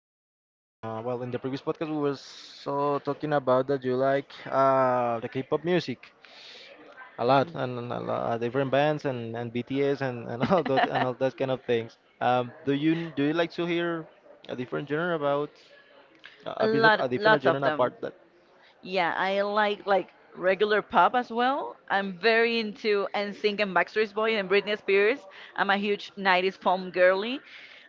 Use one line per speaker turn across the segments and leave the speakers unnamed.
Well, in the previous podcast, we were talking about that you like the K-pop music a lot, and a lot, different bands, and BTS, and all that, and all that kind of things. Do you like to hear a different genre about a
A
a bit of
lot,
a different
lots
genre
of them.
apart that?
Yeah, I like regular pop as well. I'm very into NSYNC and Backstreet Boy and Britney Spears. I'm a huge 90s pop girly.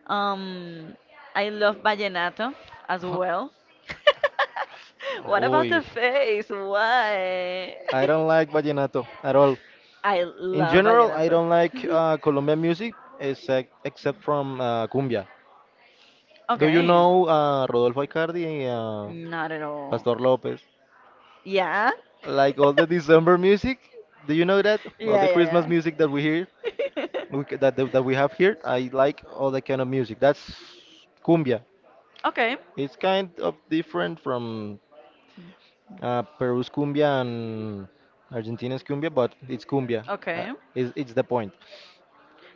Um, I love vallenato as well. What about
Uy,
the face? Why?
I don't like vallenato at all.
I
In
love
general, I
vallenato.
don't like Colombian music except from cumbia. Do you
Okay,
know Rodolfo Icardi and
not at all.
Pastor Lopez?
Yeah?
Like all the December music, do you know that? All
Yeah,
the Christmas music
yeah,
that we hear,
yeah.
that we have here, I like all that kind of music. That's cumbia.
Okay,
It's kind of different from Peru's cumbia and Argentina's cumbia, but it's cumbia. Uh,
okay.
it's the point.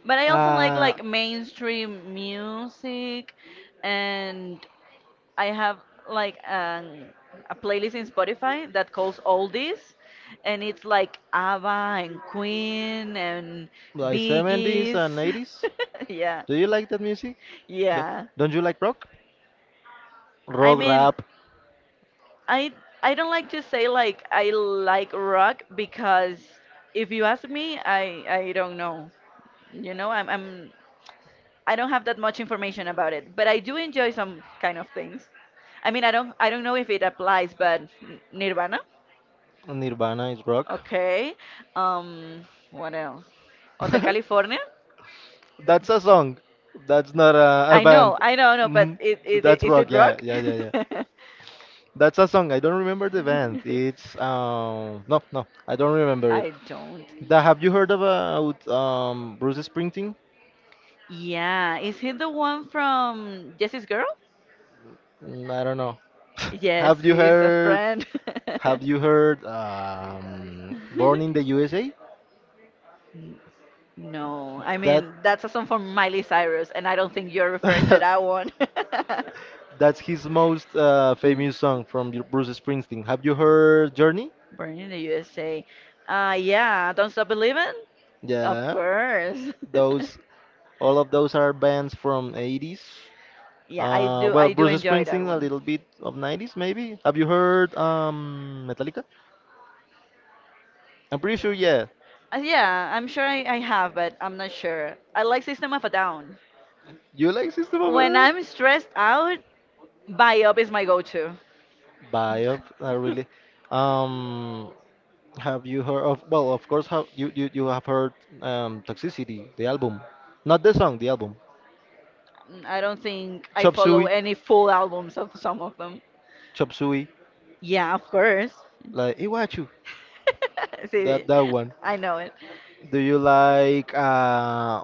But I also like
Uh,
like mainstream music, and I have like a playlist in Spotify that calls Oldies, and it's like ABBA and Queen and
like 70s
Biggies.
and 80s.
Yeah,
Do you like that music? The-
yeah.
don't you like rock?
I
Rock,
mean,
rap,
I I don't like to say like I like rock because if you ask me, I don't know. You know, I don't have that much information about it, but I do enjoy some kind of things. I mean, I don't know if it applies, but Nirvana,
Nirvana is rock.
okay. What else? Hotel California.
That's a song. That's not a band.
I know, no, but
Mhm. That's
is
rock.
it
Yeah,
rock?
yeah, yeah, yeah. That's a song. I don't remember the band. It's no, I don't remember it.
I don't.
Have you heard about Bruce Springsteen?
Yeah, is he the one from Jesse's Girl?
Mm, I don't know.
Yes,
Have you
he's a
heard?
friend.
Have you heard? Born in the USA.
No, I
That
mean that's a song from Miley Cyrus, and I don't think you're referring to that one.
That's his most famous song from Bruce Springsteen. Have you heard Journey?
Born in the USA. Yeah, Don't Stop Believin'? Of
Yeah,
course.
those all of those are bands from 80s.
Yeah, I do.
Well,
I do
Bruce
enjoy that
Springsteen a
one.
little bit of 90s maybe. Have you heard Metallica? I'm pretty sure yeah.
Yeah, I'm sure I have, but I'm not sure. I like System of a Down.
You like System of
When
a
I'm stressed out, Up is my go-to.
Biop? I really. Um, Have you heard of, well, of course, you have heard Toxicity, the album. Not the song, the album.
I don't think I
Chop
follow
Suey,
any full albums of some of them.
Chop Suey,
Yeah, of course.
like Iwachu,
Sí,
that one.
I know it.
Do you like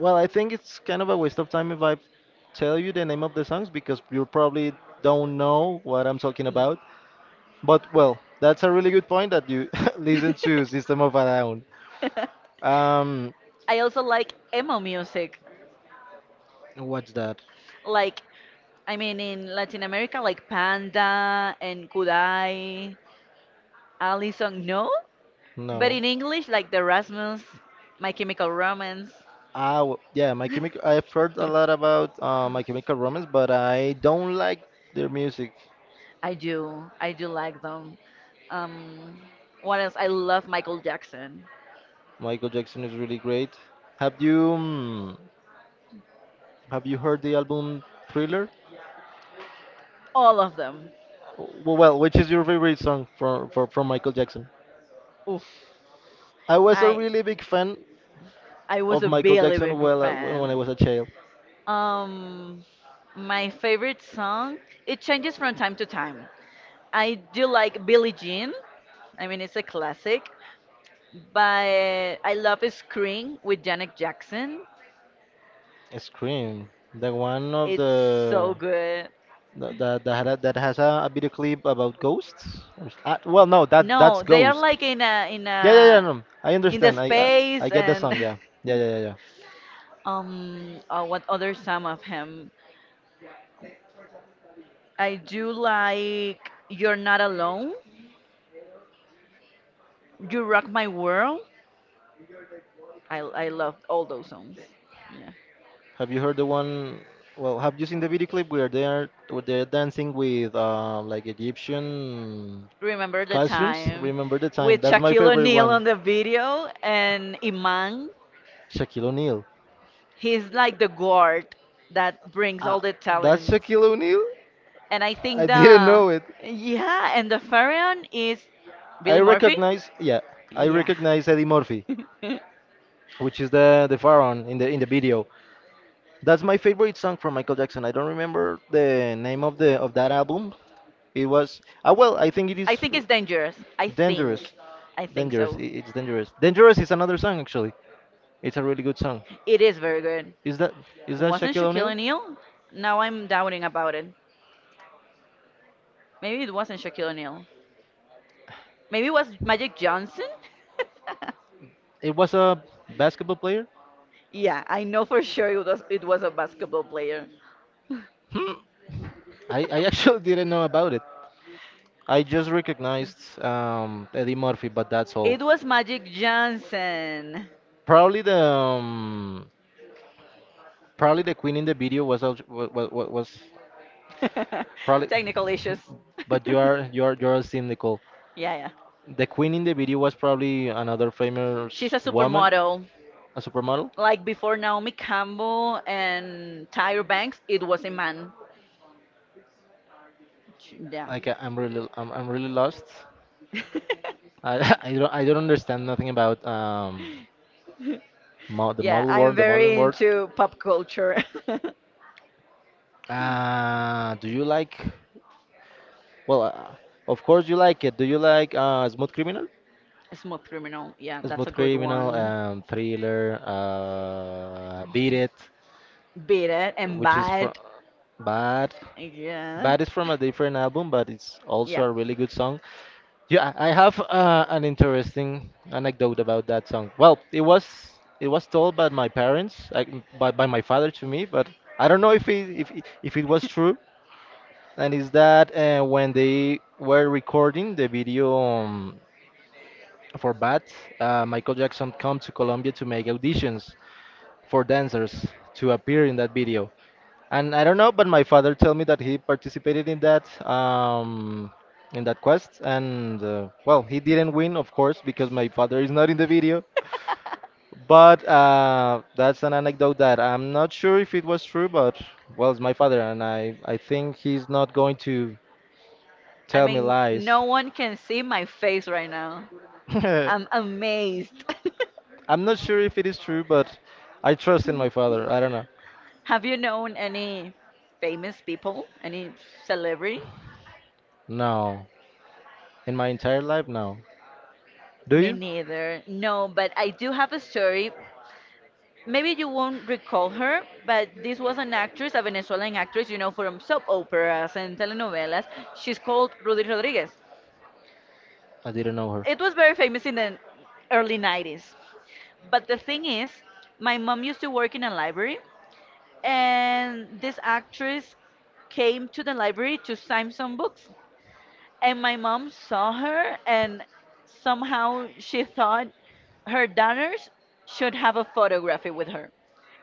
well, I think it's kind of a waste of time if I tell you the name of the songs because you probably don't know what I'm talking about. But well, that's a really good point that you listen to System of a Down. Um,
I also like emo music.
what's that?
Like, I mean, in Latin America, like Panda and Kudai, Allison, no?
No.
But in English, like the Rasmus, My Chemical Romance.
Yeah, My Chemical. I've heard a lot about My Chemical Romance, but I don't like their music.
I do. I do like them. Um, what else? I love Michael Jackson.
Michael Jackson is really great. Have you mm, have you heard the album Thriller?
All of them.
W- Well, which is your favorite song from Michael Jackson?
Oof.
I was a
I
really big fan
I was
of
a
Michael
really
Jackson
big
well when I
fan.
was a child.
Um, my favorite song, it changes from time to time. I do like Billie Jean. I mean, it's a classic, but I love Scream with Janet Jackson.
Scream, the one of
It's so
the
good.
that, that has a video clip about ghosts. Or s- ah, well, No, that's
No, they are
Ghost.
like
Yeah, yeah, yeah. No, I
in the
understand. I
space
get the
and
song. Yeah, yeah, yeah, yeah, yeah.
What other some of him? I do like You're Not Alone. You Rock My World. I love all those songs. Yeah.
Have you heard the one? Well, have you seen the video clip where they are where they're dancing with like Egyptian
Remember the
costumes?
time
Remember the time.
with
That's my
Shaquille
favorite
O'Neal
one.
on the video and Iman?
Shaquille O'Neal.
He's like the guard that brings
Uh,
all the
that's
talent.
Shaquille O'Neal?
And I think
I didn't
the
know it.
Yeah, and the Pharaoh is
I
Billy Murphy.
recognize, yeah, I
Yeah.
recognize Eddie Murphy, which is the pharaoh in the video. That's my favorite song from Michael Jackson. I don't remember the name of the of that album, it was ah well. I think it is
I think it's dangerous. I think.
dangerous.
I think
Dangerous. I-
so.
It's dangerous. Dangerous is another song actually. It's a really good song.
It is very good.
Is that is that
Wasn't
Shaquille
Shaquille
O'Neal?
O'Neal? Now I'm doubting about it. Maybe it wasn't Shaquille O'Neal. Maybe it was Magic Johnson?
It was a basketball player.
Yeah, I know for sure it was a basketball player.
Hmm. I actually didn't know about it. I just recognized Eddie Murphy, but that's all.
It was Magic Johnson.
Probably the um, Probably the queen in the video was probably.
Technical issues.
But you are cynical.
Yeah, yeah.
The queen in the video was probably another famous
She's a
woman,
supermodel.
a supermodel.
Like before Naomi Campbell and Tyra Banks, it was a man. Yeah.
Like I'm really lost. I don't understand nothing about mo the yeah,
Yeah,
model
I'm
world, the modeling
very
world.
into pop culture.
Ah, do you like? Well, of course you like it. Do you like Smooth Criminal?
Smooth Criminal. Yeah, that's a
Smooth
good
Criminal,
one.
Thriller, Beat It,
Beat it and
which is from
bad.
Bad.
Yeah.
Bad is from a different album, but it's also
Yeah.
a really good song. Yeah, I have an interesting anecdote about that song. Well, it was told by my parents, like by my father to me, but I don't know if if it was true. And is that when they were recording the video for Bad, Michael Jackson come to Colombia to make auditions for dancers to appear in that video. And I don't know, but my father told me that he participated in that quest, and well, he didn't win, of course, because my father is not in the video. But that's an anecdote that I'm not sure if it was true, but well, it's my father, and I think he's not going to
I
tell me
mean,
lies.
no one can see my face right now. I'm amazed.
I'm not sure if it is true, but I trust in my father. I don't know.
Have you known any famous people? Any celebrity?
No, in my entire life, no. Do
Me
you?
neither. No, but I do have a story. Maybe you won't recall her, but this was an actress, a Venezuelan actress, from soap operas and telenovelas. She's called Rudy Rodriguez.
I didn't know her.
It was very famous in the early 90s. But the thing is, my mom used to work in a library and this actress came to the library to sign some books and my mom saw her and somehow she thought her daughters should have a photography with her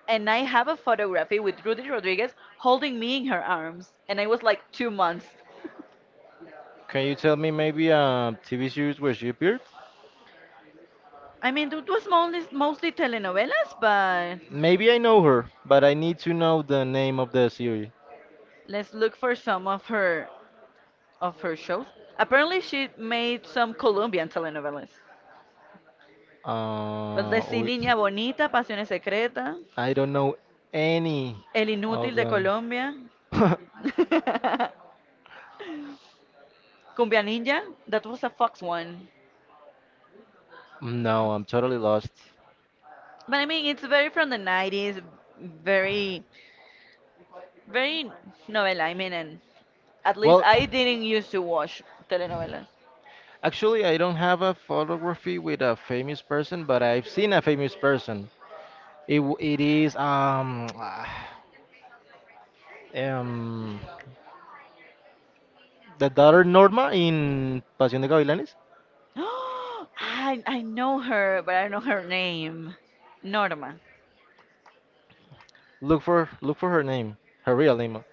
and I have a photography with Rudy Rodriguez holding me in her arms and I was like 2 months.
Can you tell me maybe a TV series where she appeared?
I mean, it was mostly telenovelas. But
Maybe I know her, but I need to know the name of the series.
let's look for some of her shows. Apparently she made some Colombian telenovelas.
La
Pues decí
Uh, we-
Niña Bonita, Pasiones Secretas,
I don't know any
El
of
Inútil de
them.
Colombia, Cumbia Ninja, that was a Fox one.
No, I'm totally lost.
But I mean, it's very from the 90s, very, very novela, I mean, and at least
Well,
I didn't used to watch telenovelas.
actually, I don't have a photography with a famous person, but I've seen a famous person. It is um, the daughter Norma in Pasión de Gavilanes.
I know her, but I don't know her name. Norma.
Look for her name, her real name,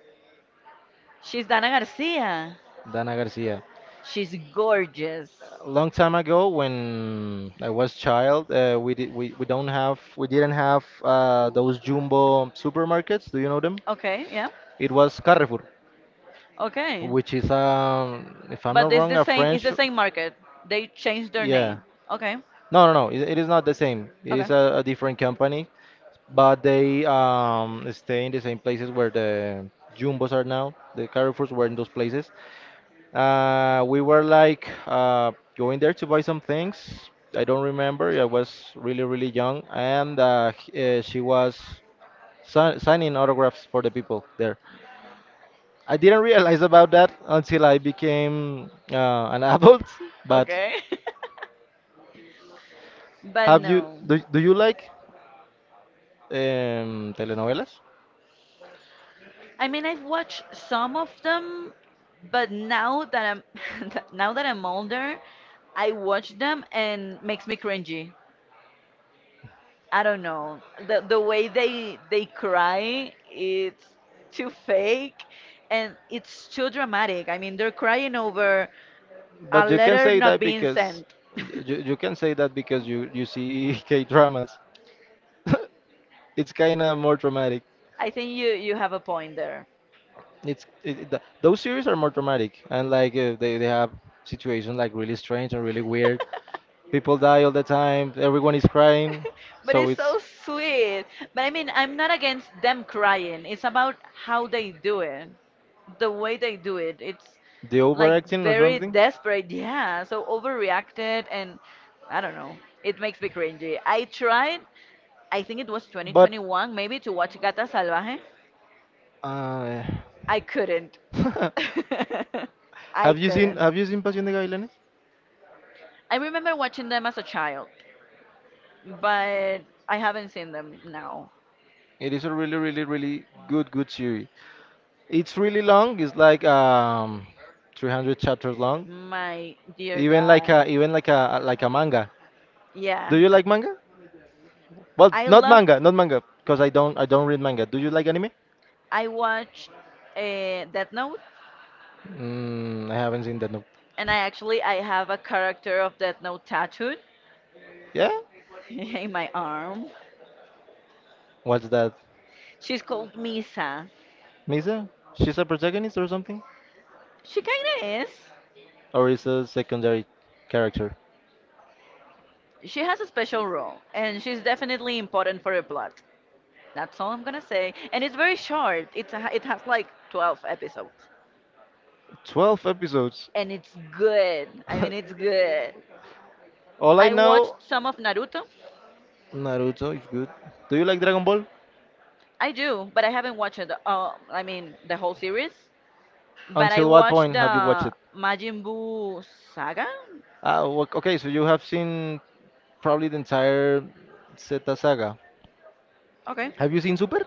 She's Dana Garcia.
Dana Garcia.
She's gorgeous.
A long time ago, when I was child, we didn't have those jumbo supermarkets. Do you know them?
Okay, yeah.
It was Carrefour,
Okay.
which is if I'm
But
not
it's
wrong,
the
a
same. It's
French.
the same market. They changed their
Yeah.
name. Okay.
No, no, no. It is not the same. It
Okay.
is a different company, but they stay in the same places where the jumbos are now. The Carrefours were in those places. We were like going there to buy some things. I don't remember. I was really, really young, and she was signing autographs for the people there. I didn't realize about that until I became an adult. But
Okay. But no.
do you like telenovelas?
I mean, I've watched some of them, but now that I'm now that I'm older, I watch them and makes me cringy. I don't know. The way they cry, it's too fake and it's too dramatic. I mean, they're crying over a
But
letter not being sent.
you, you can say that because you see K dramas. It's kind of more dramatic.
I think you have a point there.
It's it, it- th Those series are more dramatic and like they have situations like really strange and really weird. People die all the time. Everyone is crying.
But
So
it's
it's
so sweet. But I mean, I'm not against them crying. It's about how they do it, the way they do it. It's
the
like
overacting or
very
something.
desperate. Yeah. So overreacted, and I don't know. It makes me cringy. I tried, I think it was
But
2021, maybe to watch Gata Salvaje.
uh,
I couldn't. I couldn't.
Have you seen Pasión de Gavilanes?
I remember watching them as a child, but I haven't seen them now.
It is a really, really, really good, good series. It's really long. It's like 300 chapters long.
My dear God.
Even like a manga.
Yeah,
Do you like manga? Well,
I love.
not manga, because I don't read manga. Do you like anime?
I watch Death Note,
Mm, I haven't seen that. No.
and I have a character of Death Note tattooed
Yeah?
in my arm.
What's that?
She's called Misa.
Misa? She's a protagonist or something?
She kinda is.
Or is a secondary character.
She has a special role, and she's definitely important for the plot. That's all I'm gonna say. And it's very short. It has like 12 episodes,
12 episodes.
and it's good. I mean, it's good.
All I
I
know,
watched some of Naruto.
Naruto is good. Do you like Dragon Ball?
I do, but I haven't watched it. I mean, the whole series. But I
Until what
watched
point have you watched
the
it?
Majin Buu saga.
Okay, so you have seen probably the entire Zeta saga.
Okay.
Have you seen Super?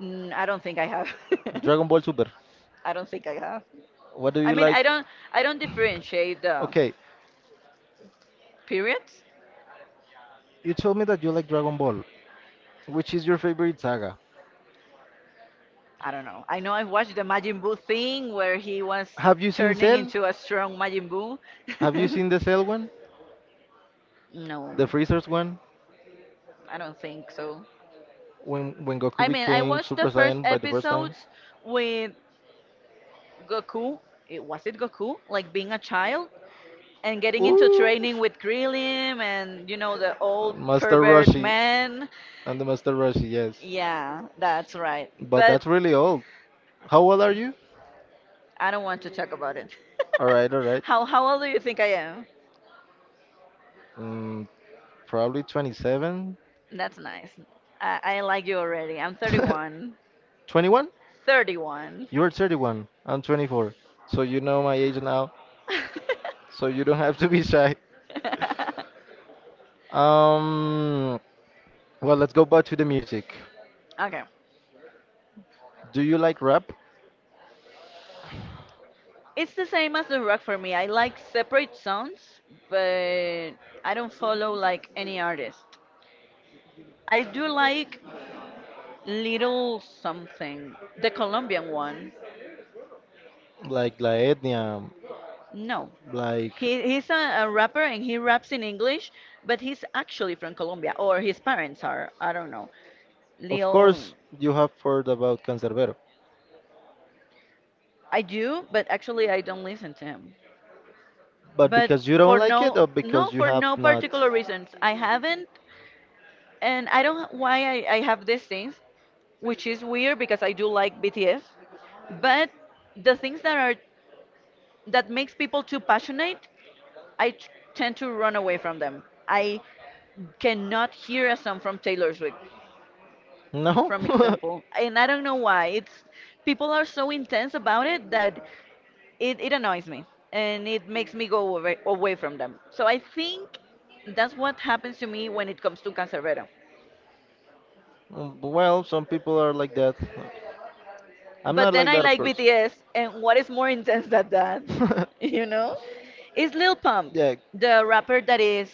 I don't think I have.
Dragon Ball Super.
I don't think I have.
What do
I
you
mean,
like?
I don't differentiate the
Okay,
periods.
you told me that you like Dragon Ball. Which is your favorite saga?
I don't know. I know I watched the Majin Buu thing where he was
Have you seen
turning
Cell?
into a strong Majin Buu.
Have you seen the Cell one?
No,
The Freezer's one?
I don't think so.
When Goku
I mean, I
became
watched the
Super
first
Saiyan by the first time?
episodes with Goku, was it Goku? Like being a child and getting into training
Oof.
with Krillin and the old
Master
pervert
Roshi.
man.
And the Master Roshi, yes.
Yeah, that's right.
But
But
that's really old. How old are you?
I don't want to talk about it.
Alright, alright.
How old do you think I am?
Mm, probably 27.
That's nice. I like you already. I'm 31.
21?
31.
You are 31. I'm 24. So you know my age now. So you don't have to be shy. Um, well, let's go back to the music.
Okay.
Do you like rap?
It's the same as the rock for me. I like separate sounds, but I don't follow like any artist. I do like Little Something, the Colombian one.
Like La Etnia?
No.
Like,
He's a rapper and he raps in English, but he's actually from Colombia, or his parents are. I don't know.
of
Lil,
course, you have heard about Cancerbero,
I do, but actually I don't listen to him.
but
But
because you don't like it or because you
for
have
no
not?
particular reasons. I haven't, and I don't why I have these things, which is weird because I do like BTS, but the things that makes people too passionate I tend to run away from them. I cannot hear a song from Taylor Swift,
No?
from example, and I don't know why. It's people are so intense about it that it annoys me and it makes me go away, away from them. So I think that's what happens to me when it comes to Cancerbero.
Well, some people are like that. I'm
But
not
then
like
I
that, of
like
course.
BTS, and what is more intense than that? You know, is Lil Pump,
Yeah,
the rapper that is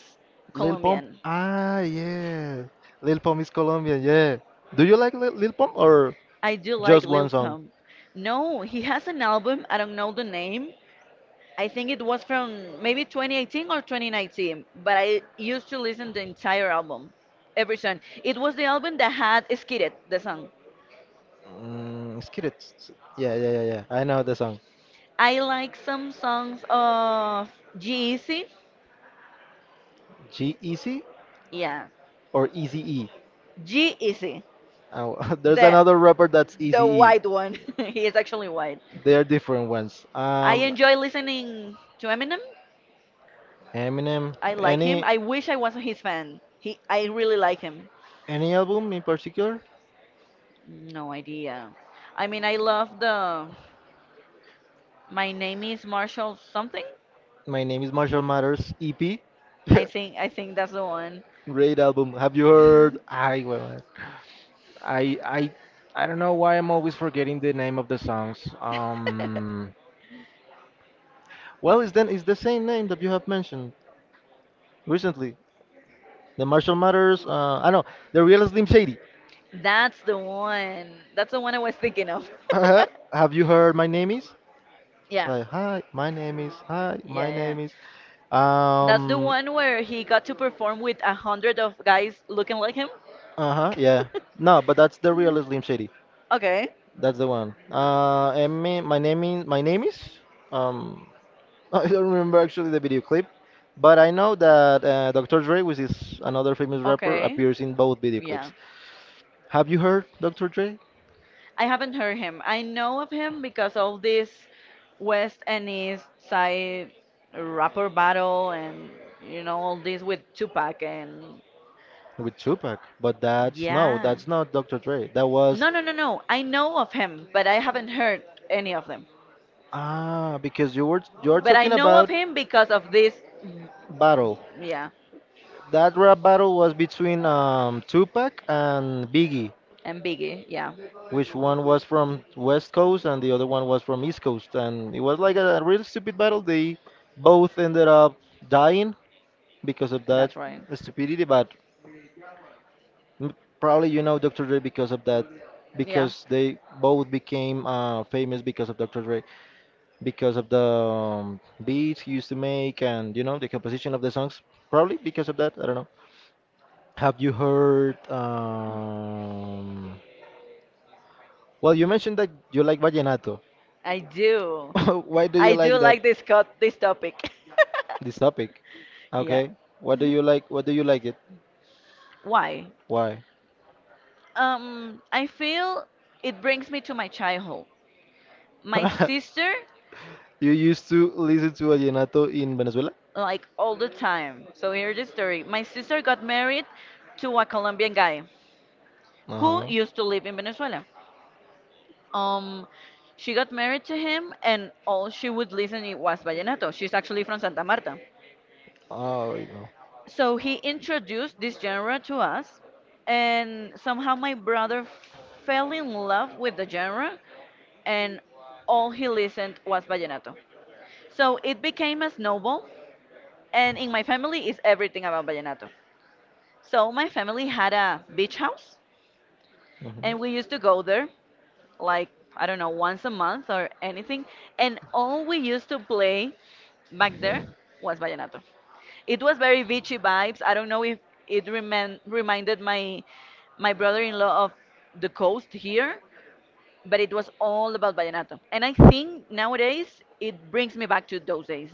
Lil Pump.
Colombian.
Ah, yeah. Lil Pump is Colombian, yeah. Do you like Lil Pump or
I do like
just one
Lil
song?
Pump. No, he has an album. I don't know the name. I think it was from maybe 2018 or 2019, but I used to listen the entire album, every song. It was the album that had Skid the song.
Mm, it's cute. It's- yeah, yeah, yeah, yeah. I know the song.
I like some songs of G-Eazy.
G Easy
Yeah,
or Easy E?
G-Eazy,
Oh, there's
the
another rapper that's
the
Easy E.
white one. He is actually white.
They are different ones.
I enjoy listening to Eminem.
Eminem.
I like him. I wish I was his fan. I really like him.
Any album in particular?
No idea. I mean, I love the My Name is Marshall something.
My name is Marshall Matters EP.
I think I think that's the one.
Great album. Have you heard? I I I don't know why I'm always forgetting the name of the songs. Well, it's the same name that you have mentioned recently. The Marshall Matters. I know the real Slim Shady.
That's the one. That's the one I was thinking of.
Uh-huh. Have you heard My Name Is?
Yeah.
Like hi, my name is hi,
Yeah,
my
yeah.
name is.
That's the
Um.
one where he got to perform with 100 of guys looking like him.
Uh huh. Yeah. No, but that's the real Slim Shady.
Okay.
That's the one. And me, my name is my name is. Um, I don't remember actually the video clip, but I know that Dr. Dre, which is another famous rapper,
Okay.
appears in both video
Yeah.
clips. Have you heard Dr. Dre
I haven't heard him. I know of him because of this West and East Side rapper battle and you know all this with Tupac and
with Tupac? But that's
yeah.
that's not Dr. Dre. That was
No, no, no, no. I know of him, but I haven't heard any of them.
ah because you're
But I
talking
know of
about
him because of this mm,
battle.
yeah,
That rap battle was between Tupac and Biggie,
and Biggie. Yeah.
which one was from West Coast and the other one was from East Coast. And it was like a real stupid battle. They both ended up dying because of that
That's right.
stupidity, but m- probably you know Dr. Dre because of that,
Yeah.
because they both became famous because of Dr. Dre, because of the beats he used to make and you know the composition of the songs. Probably because of that, I don't know. Have you heard? Well, you mentioned that you like vallenato.
I do.
Why do you
I do
like that?
like this this topic.
This topic.
Yeah.
Okay. What do you like? What do you like it?
Why?
Why?
I feel it brings me to my childhood. My sister,
You used to listen to vallenato in Venezuela?
like all the time. So here's the story. My sister got married to a Colombian guy who
Uh-huh.
used to live in Venezuela. Um, she got married to him, and all she would listen it was vallenato. She's actually from Santa Marta.
Oh, wait, no.
So he introduced this genre to us, and somehow my brother fell in love with the genre, and all he listened was vallenato. So it became a snowball, and in my family is everything about vallenato. So my family had a beach house,
Mhm.
and we used to go there, like, I don't know, once a month or anything, and all we used to play back there was vallenato. It was very beachy vibes. I don't know if reminded my brother-in-law of the coast here, but it was all about vallenato. And I think nowadays it brings me back to those days.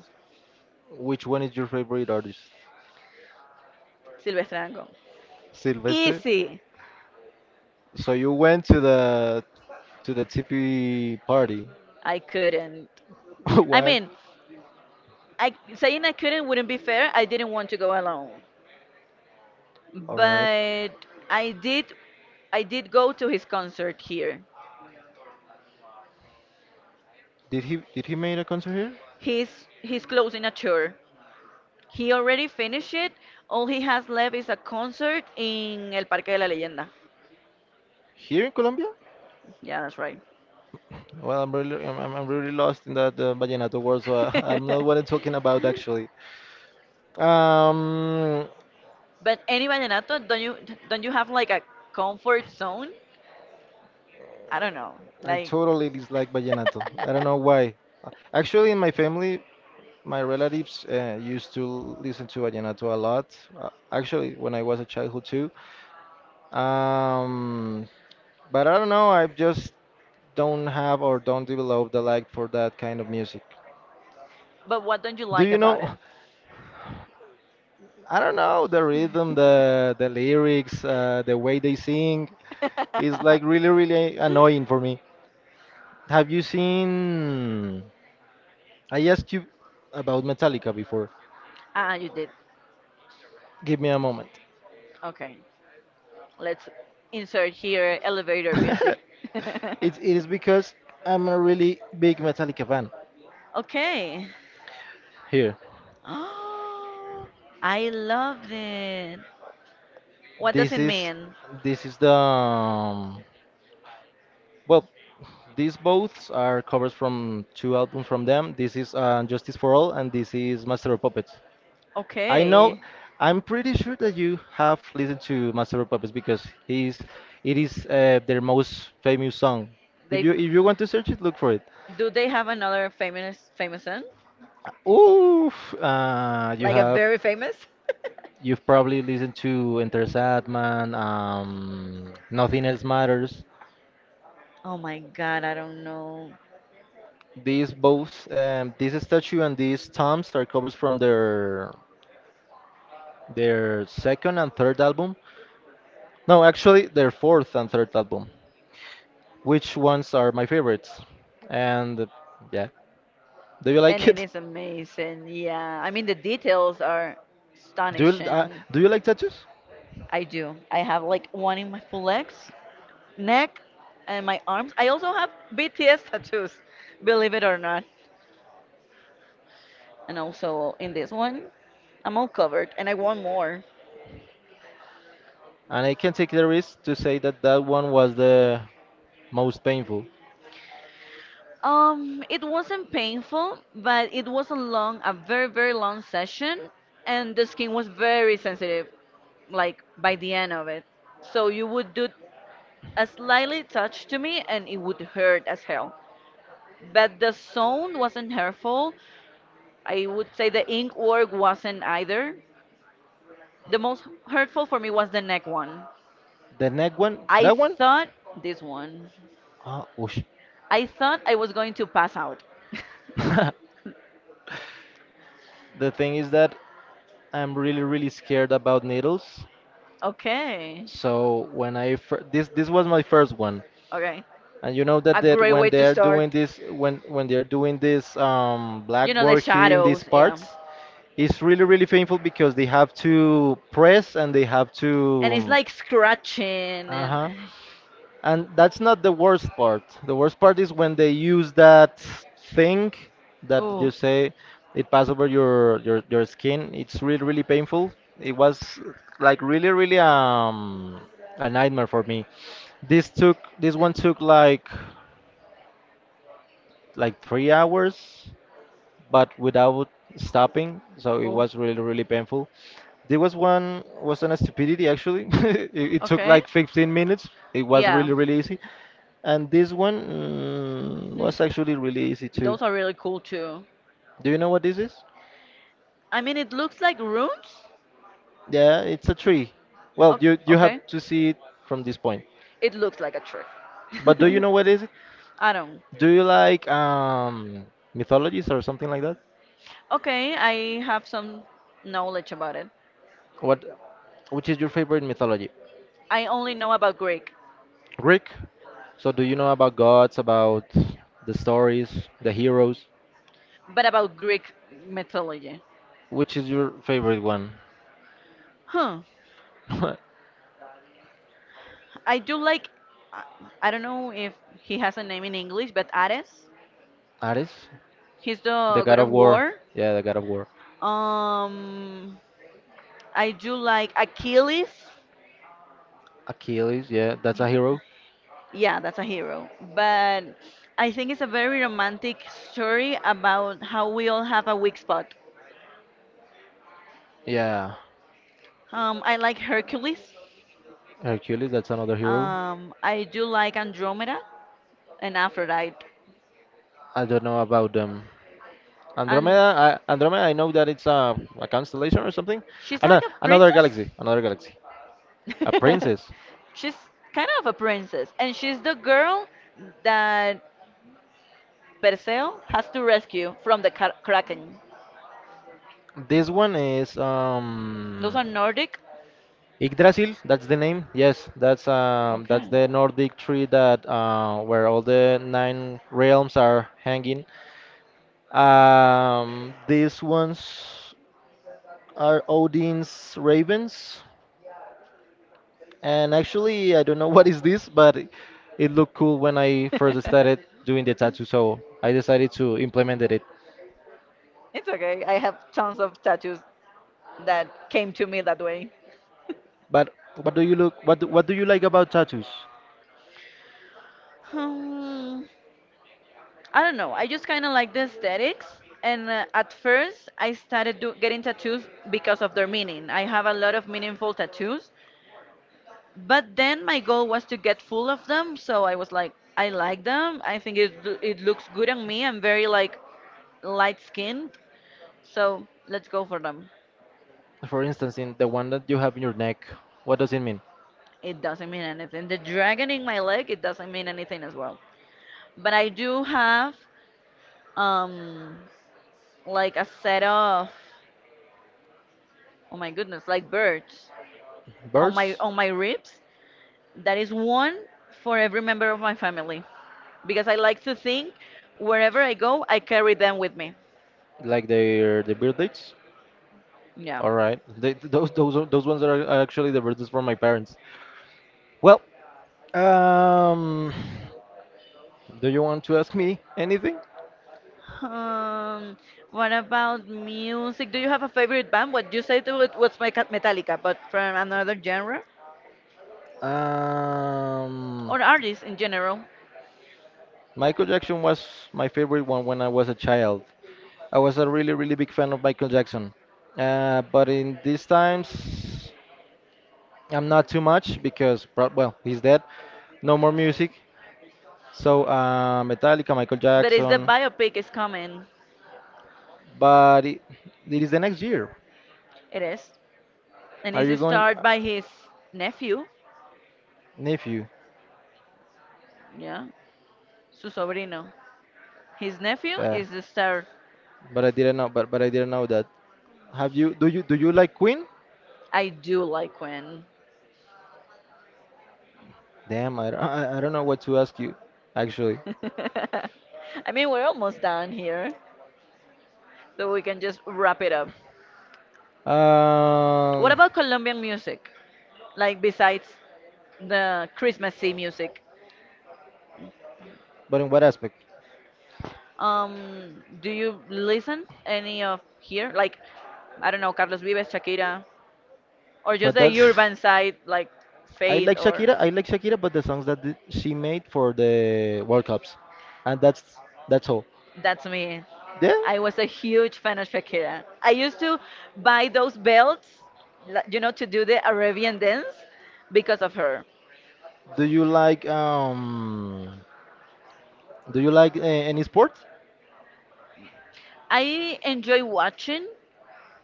Which one is your favorite artist?
Silvestre Dangond.
Silvestre?
Easy.
So you went to the TP party.
I couldn't. I
Why?
mean, I saying I couldn't wouldn't be fair. I didn't want to go alone,
All right.
but I did. I did go to his concert here.
Did he make a concert here?
He's closing a tour. He already finished it. All he has left is a concert in El Parque de la Leyenda.
Here in Colombia?
Yeah, that's right.
Well, I'm really lost in that vallenato world, so I, I'm not what I'm talking about actually. Um,
But any vallenato, don't you have like a comfort zone? I don't know,
I
like.
totally dislike vallenato. I don't know why. Actually, in my family, my relatives used to listen to vallenato a lot. Actually, when I was a childhood too. Um, but I don't know. I just don't have or don't develop the like for that kind of music.
But what don't you
Do
like
you
about
know?
it?
I don't know the rhythm, the lyrics, the way they sing. It's like really, really annoying for me. Have you seen? I asked you about Metallica before.
Ah, you did.
Give me a moment.
Okay. Let's insert here elevator music.
it's it is because I'm a really big Metallica fan.
Okay.
Here,
Oh, I loved it. What does
this
it
is
mean?
this is the well. These both are covers from two albums from them. This is Justice for All, and this is Master of Puppets. I know,
Okay.
I'm pretty sure that you have listened to Master of Puppets because it is their most famous song. If
They
you want to search it, look for it.
do they have another famous son?
Oof, uh, you
Like a
have
very famous?
you've probably listened to Enter Sandman, Nothing Else Matters.
Oh my god, I don't know.
These both, this statue and these tombs are covers from their second and third album. No, actually, their fourth and third album, which ones are my favorites. And yeah, do you
And
like
it
it?
is amazing. Yeah, I mean the details are astonishing.
Do you like tattoos?
I do. I have like one in my full legs, neck, and my arms. I also have BTS tattoos, believe it or not. And also in this one, I'm all covered, and I want more.
And I can take the risk to say that that one was the most painful.
It wasn't painful, but it was a long, a very, very long session, and the skin was very sensitive, like by the end of it. So you would do a slightly touch to me and it would hurt as hell. But the sound wasn't hurtful. I would say the ink work wasn't either. The most hurtful for me was the neck one.
The neck one,
I
that one?
thought this one.
Ah, whoosh.
I thought I was going to pass out.
The thing is that I'm really, really scared about needles.
Okay.
So this this was my first one.
Okay.
And you know that,
A
that
great
when
way to
they're
start.
doing this, when they're doing this
You know, the
blackboard here in these
shadows, yeah.
parts, it's really really painful because they have to press and they have to,
And it's like scratching
uh
and
huh. And that's not the worst part. The worst part is when they use that thing that you say it pass over your skin. It's really really painful. It was like really really a nightmare for me. This one took like 3 hours, but without stopping. So it
Oh, was.
was really, really painful. There was one was on a stupidity actually. It took like 15 minutes. It was really, really easy. And this one was actually really easy too.
Those are really cool too.
Do you know what this is?
I mean, it looks like runes.
Yeah, it's a tree. Well,
O-
you have
okay.
to see it from this point.
It looks like a trick.
But do you know what is it?
I don't.
Do you like mythologies or something like that?
Okay, I have some knowledge about it.
What which is your favorite mythology?
I only know about Greek,
Greek. So do you know about gods, about the stories, the heroes?
but about Greek mythology.
Which is your favorite one?
Huh. I do like. I I don't know if he has a name in English, but Ares.
Ares?
He's
The
the god
god of
of
war.
war.
Yeah, the god of war.
Um, I do like Achilles.
Achilles, yeah, that's a hero.
Yeah, that's a hero. But I think it's a very romantic story about how we all have a weak spot.
Yeah.
I like Hercules.
Hercules, that's another hero.
I do like Andromeda and Aphrodite.
I don't know about them.
And
Andromeda, I know that it's a constellation or something.
she's like a princess.
Another galaxy. A princess.
She's kind of a princess. And she's the girl that Perseo has to rescue from the Kraken.
This one is
Those are Nordic.
Yggdrasil, that's the name. Yes, that's
Okay.
the Nordic tree that where all the nine realms are hanging. These ones are Odin's ravens, and actually I don't know what is this, but it looked cool when I first started doing the tattoo, so I decided to implement it.
It's okay. I have tons of tattoos that came to me that way.
But what do you look? What do you like about tattoos?
Hmm, I don't know. I just kind of like the aesthetics. And at first, I started do getting tattoos because of their meaning. I have a lot of meaningful tattoos, but then my goal was to get full of them, so I was like, I like them. I think it, it looks good on me. I'm very like light skinned, so let's go for them.
For instance, in the one that you have in your neck, what does it mean?
It doesn't mean anything. The dragon in my leg, it doesn't mean anything as well, but I do have, um like, a set of, oh my goodness, like birds on my
Birds?
on my ribs, that is one for every member of my family, because I like to think wherever I go, I carry them with me.
Like their the birthdays.
Yeah.
All right. They, those are, those ones are actually the birthdays for my parents. Well, um, do you want to ask me anything?
Um, what about music? Do you have a favorite band? What you said was my Metallica, but from another genre
Um,
or artist in general.
Michael Jackson was my favorite one when I was a child. I was a really really big fan of Michael Jackson. But in these times, I'm not too much because well, he's dead. No more music. So Metallica, Michael
But it's the
Jackson.
biopic is coming.
But it is the next year.
It is, and
Are you
it's
going,
starred by his nephew.
nephew?
Yeah, su sobrino. His nephew
Yeah.
is the star.
But I didn't know. But I didn't know that. Have you? Do you like Queen?
I do like when.
Damn, I don't know what to ask you, actually.
I mean, we're almost done here, so we can just wrap it up. What
Um,
about Colombian music? Like besides the Christmassy music.
but in what aspect?
Do you listen any of here? Like, I don't know, Carlos Vives, Shakira, or just
But that's.
the urban side, like
I
Fade,
like
or
Shakira. I like Shakira, but the songs that she made for the World Cups, and that's all.
that's me.
Yeah.
I was a huge fan of Shakira. I used to buy those belts, you know, to do the Arabian dance because of her.
Do you like um? Do you like any sport?
I enjoy watching,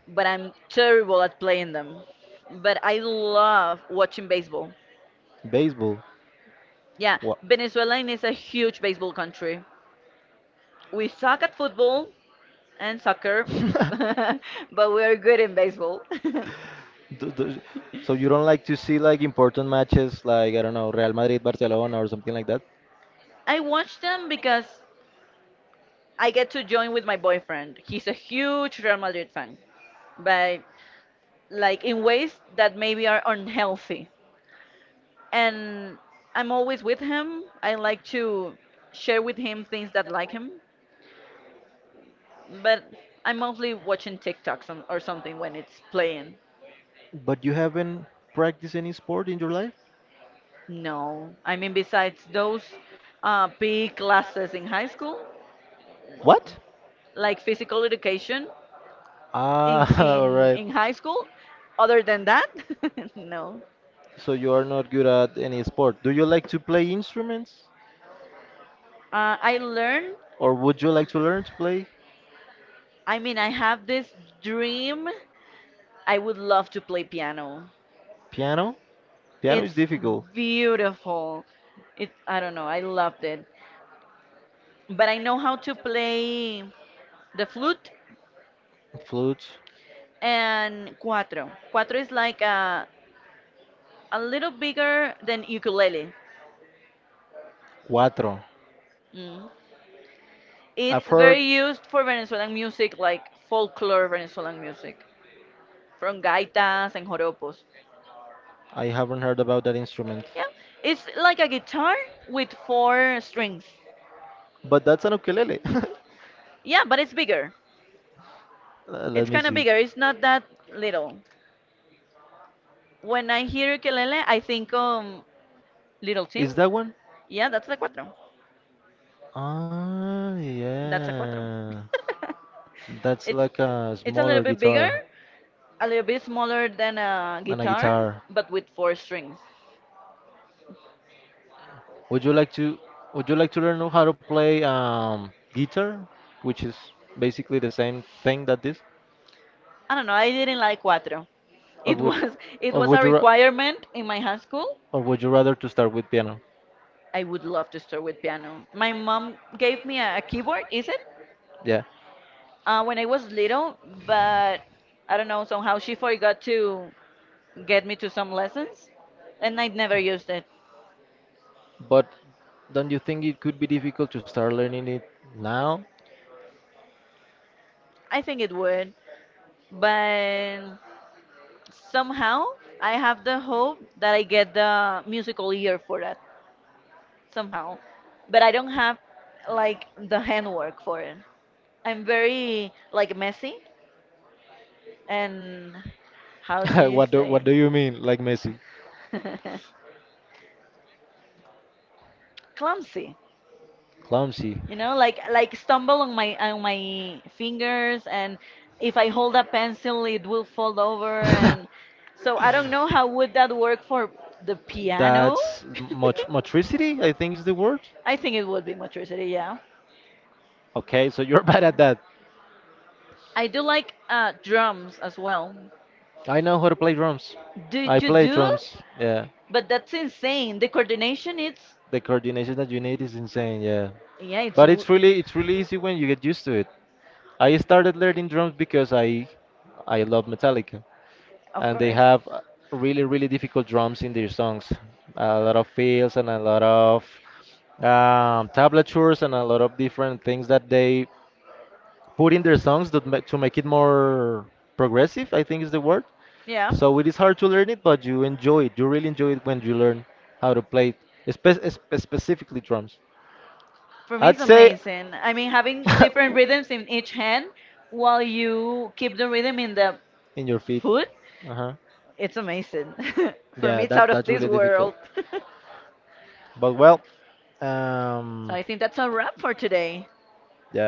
but I'm terrible at playing them. But I love watching baseball.
Baseball.
Yeah,
What?
Venezuela is a huge baseball country. We suck at football and soccer, but we're good in baseball.
Do, do, so you don't like to see like important matches like I don't know Real Madrid Barcelona or something like that?
I watch them because I get to join with my boyfriend. He's a huge Real Madrid fan, but like in ways that maybe are unhealthy. And I'm always with him. I like to share with him things that like him, but I'm mostly watching TikToks or something when it's playing.
But you haven't practiced any sport in your life?
No, I mean besides those big classes in high school,
What?
like physical education, in
Ah, all
in
right.
in high school. Other than that, no.
So you are not good at any sport. Do you like to play instruments
I learn.
or would you like to learn to play
I mean, I have this dream. I would love to play piano.
piano? Piano is
It's
difficult.
beautiful. It. I don't know. I loved it. But I know how to play the flute
Flute,
and cuatro. Cuatro is like a little bigger than ukulele.
cuatro.
Mm.
I've
It's
heard
very used for Venezuelan music, like folklore Venezuelan music, from gaitas and joropos.
I haven't heard about that instrument.
Yeah, it's like a guitar with four strings.
But that's an ukulele.
Yeah, but it's bigger. It's
Let me
kind of
see.
bigger. It's not that little. When I hear ukulele, I think little Tim.
Is that one?
Yeah, that's a cuatro.
Ah,
That's a cuatro.
yeah. That's
it's
like a
it's a little
smaller
bit bigger,
guitar
a little bit smaller than a
than a
guitar,
guitar.
but with four strings.
Would you like to learn how to play guitar, which is basically the same thing that this?
I don't know. I didn't like cuatro.
Or
It
would you,
was it
or
was a
would you
requirement in my high school.
or would you rather to start with piano?
I would love to start with piano. My mom gave me a keyboard. Is it?
Yeah.
When I was little, but I don't know, somehow she forgot to get me to some lessons, and I never used it.
But don't you think it could be difficult to start learning it now?
I think it would, but somehow I have the hope that I get the musical ear for that somehow. But I don't have like the handwork for it. I'm very like messy and how do you
What do
say
you mean, like Messi?
clumsy,
Clumsy.
you know, like stumble on my fingers, and if I hold a pencil, it will fall over, and so I don't know how would that work for the piano.
That's much motricity, I think is the word.
I think it would be motricity, yeah.
Okay, so you're bad at that.
I do like drums as well.
I know how to play drums.
Do
I
you
play
do
drums. Yeah,
but that's insane the coordination it's
the coordination that you need is insane. Yeah,
yeah it's
but it's really easy when you get used to it. I started learning drums because I love Metallica,
of
and they
course
have really really difficult drums in their songs, a lot of fills and a lot of tablatures and a lot of different things that they put in their songs that to make it more progressive. I think is the word.
yeah.
So it is hard to learn it, but you enjoy it. You really enjoy it when you learn how to play it, specifically drums.
For me,
I'd
it's
say
amazing. I mean, having different rhythms in each hand while you keep the rhythm in the
in your feet.
foot,
Uh huh.
it's amazing. For me,
Yeah,
it's
that
out of
that's
this
really difficult.
world. So
But well, um,
I think that's a wrap for today.
yeah.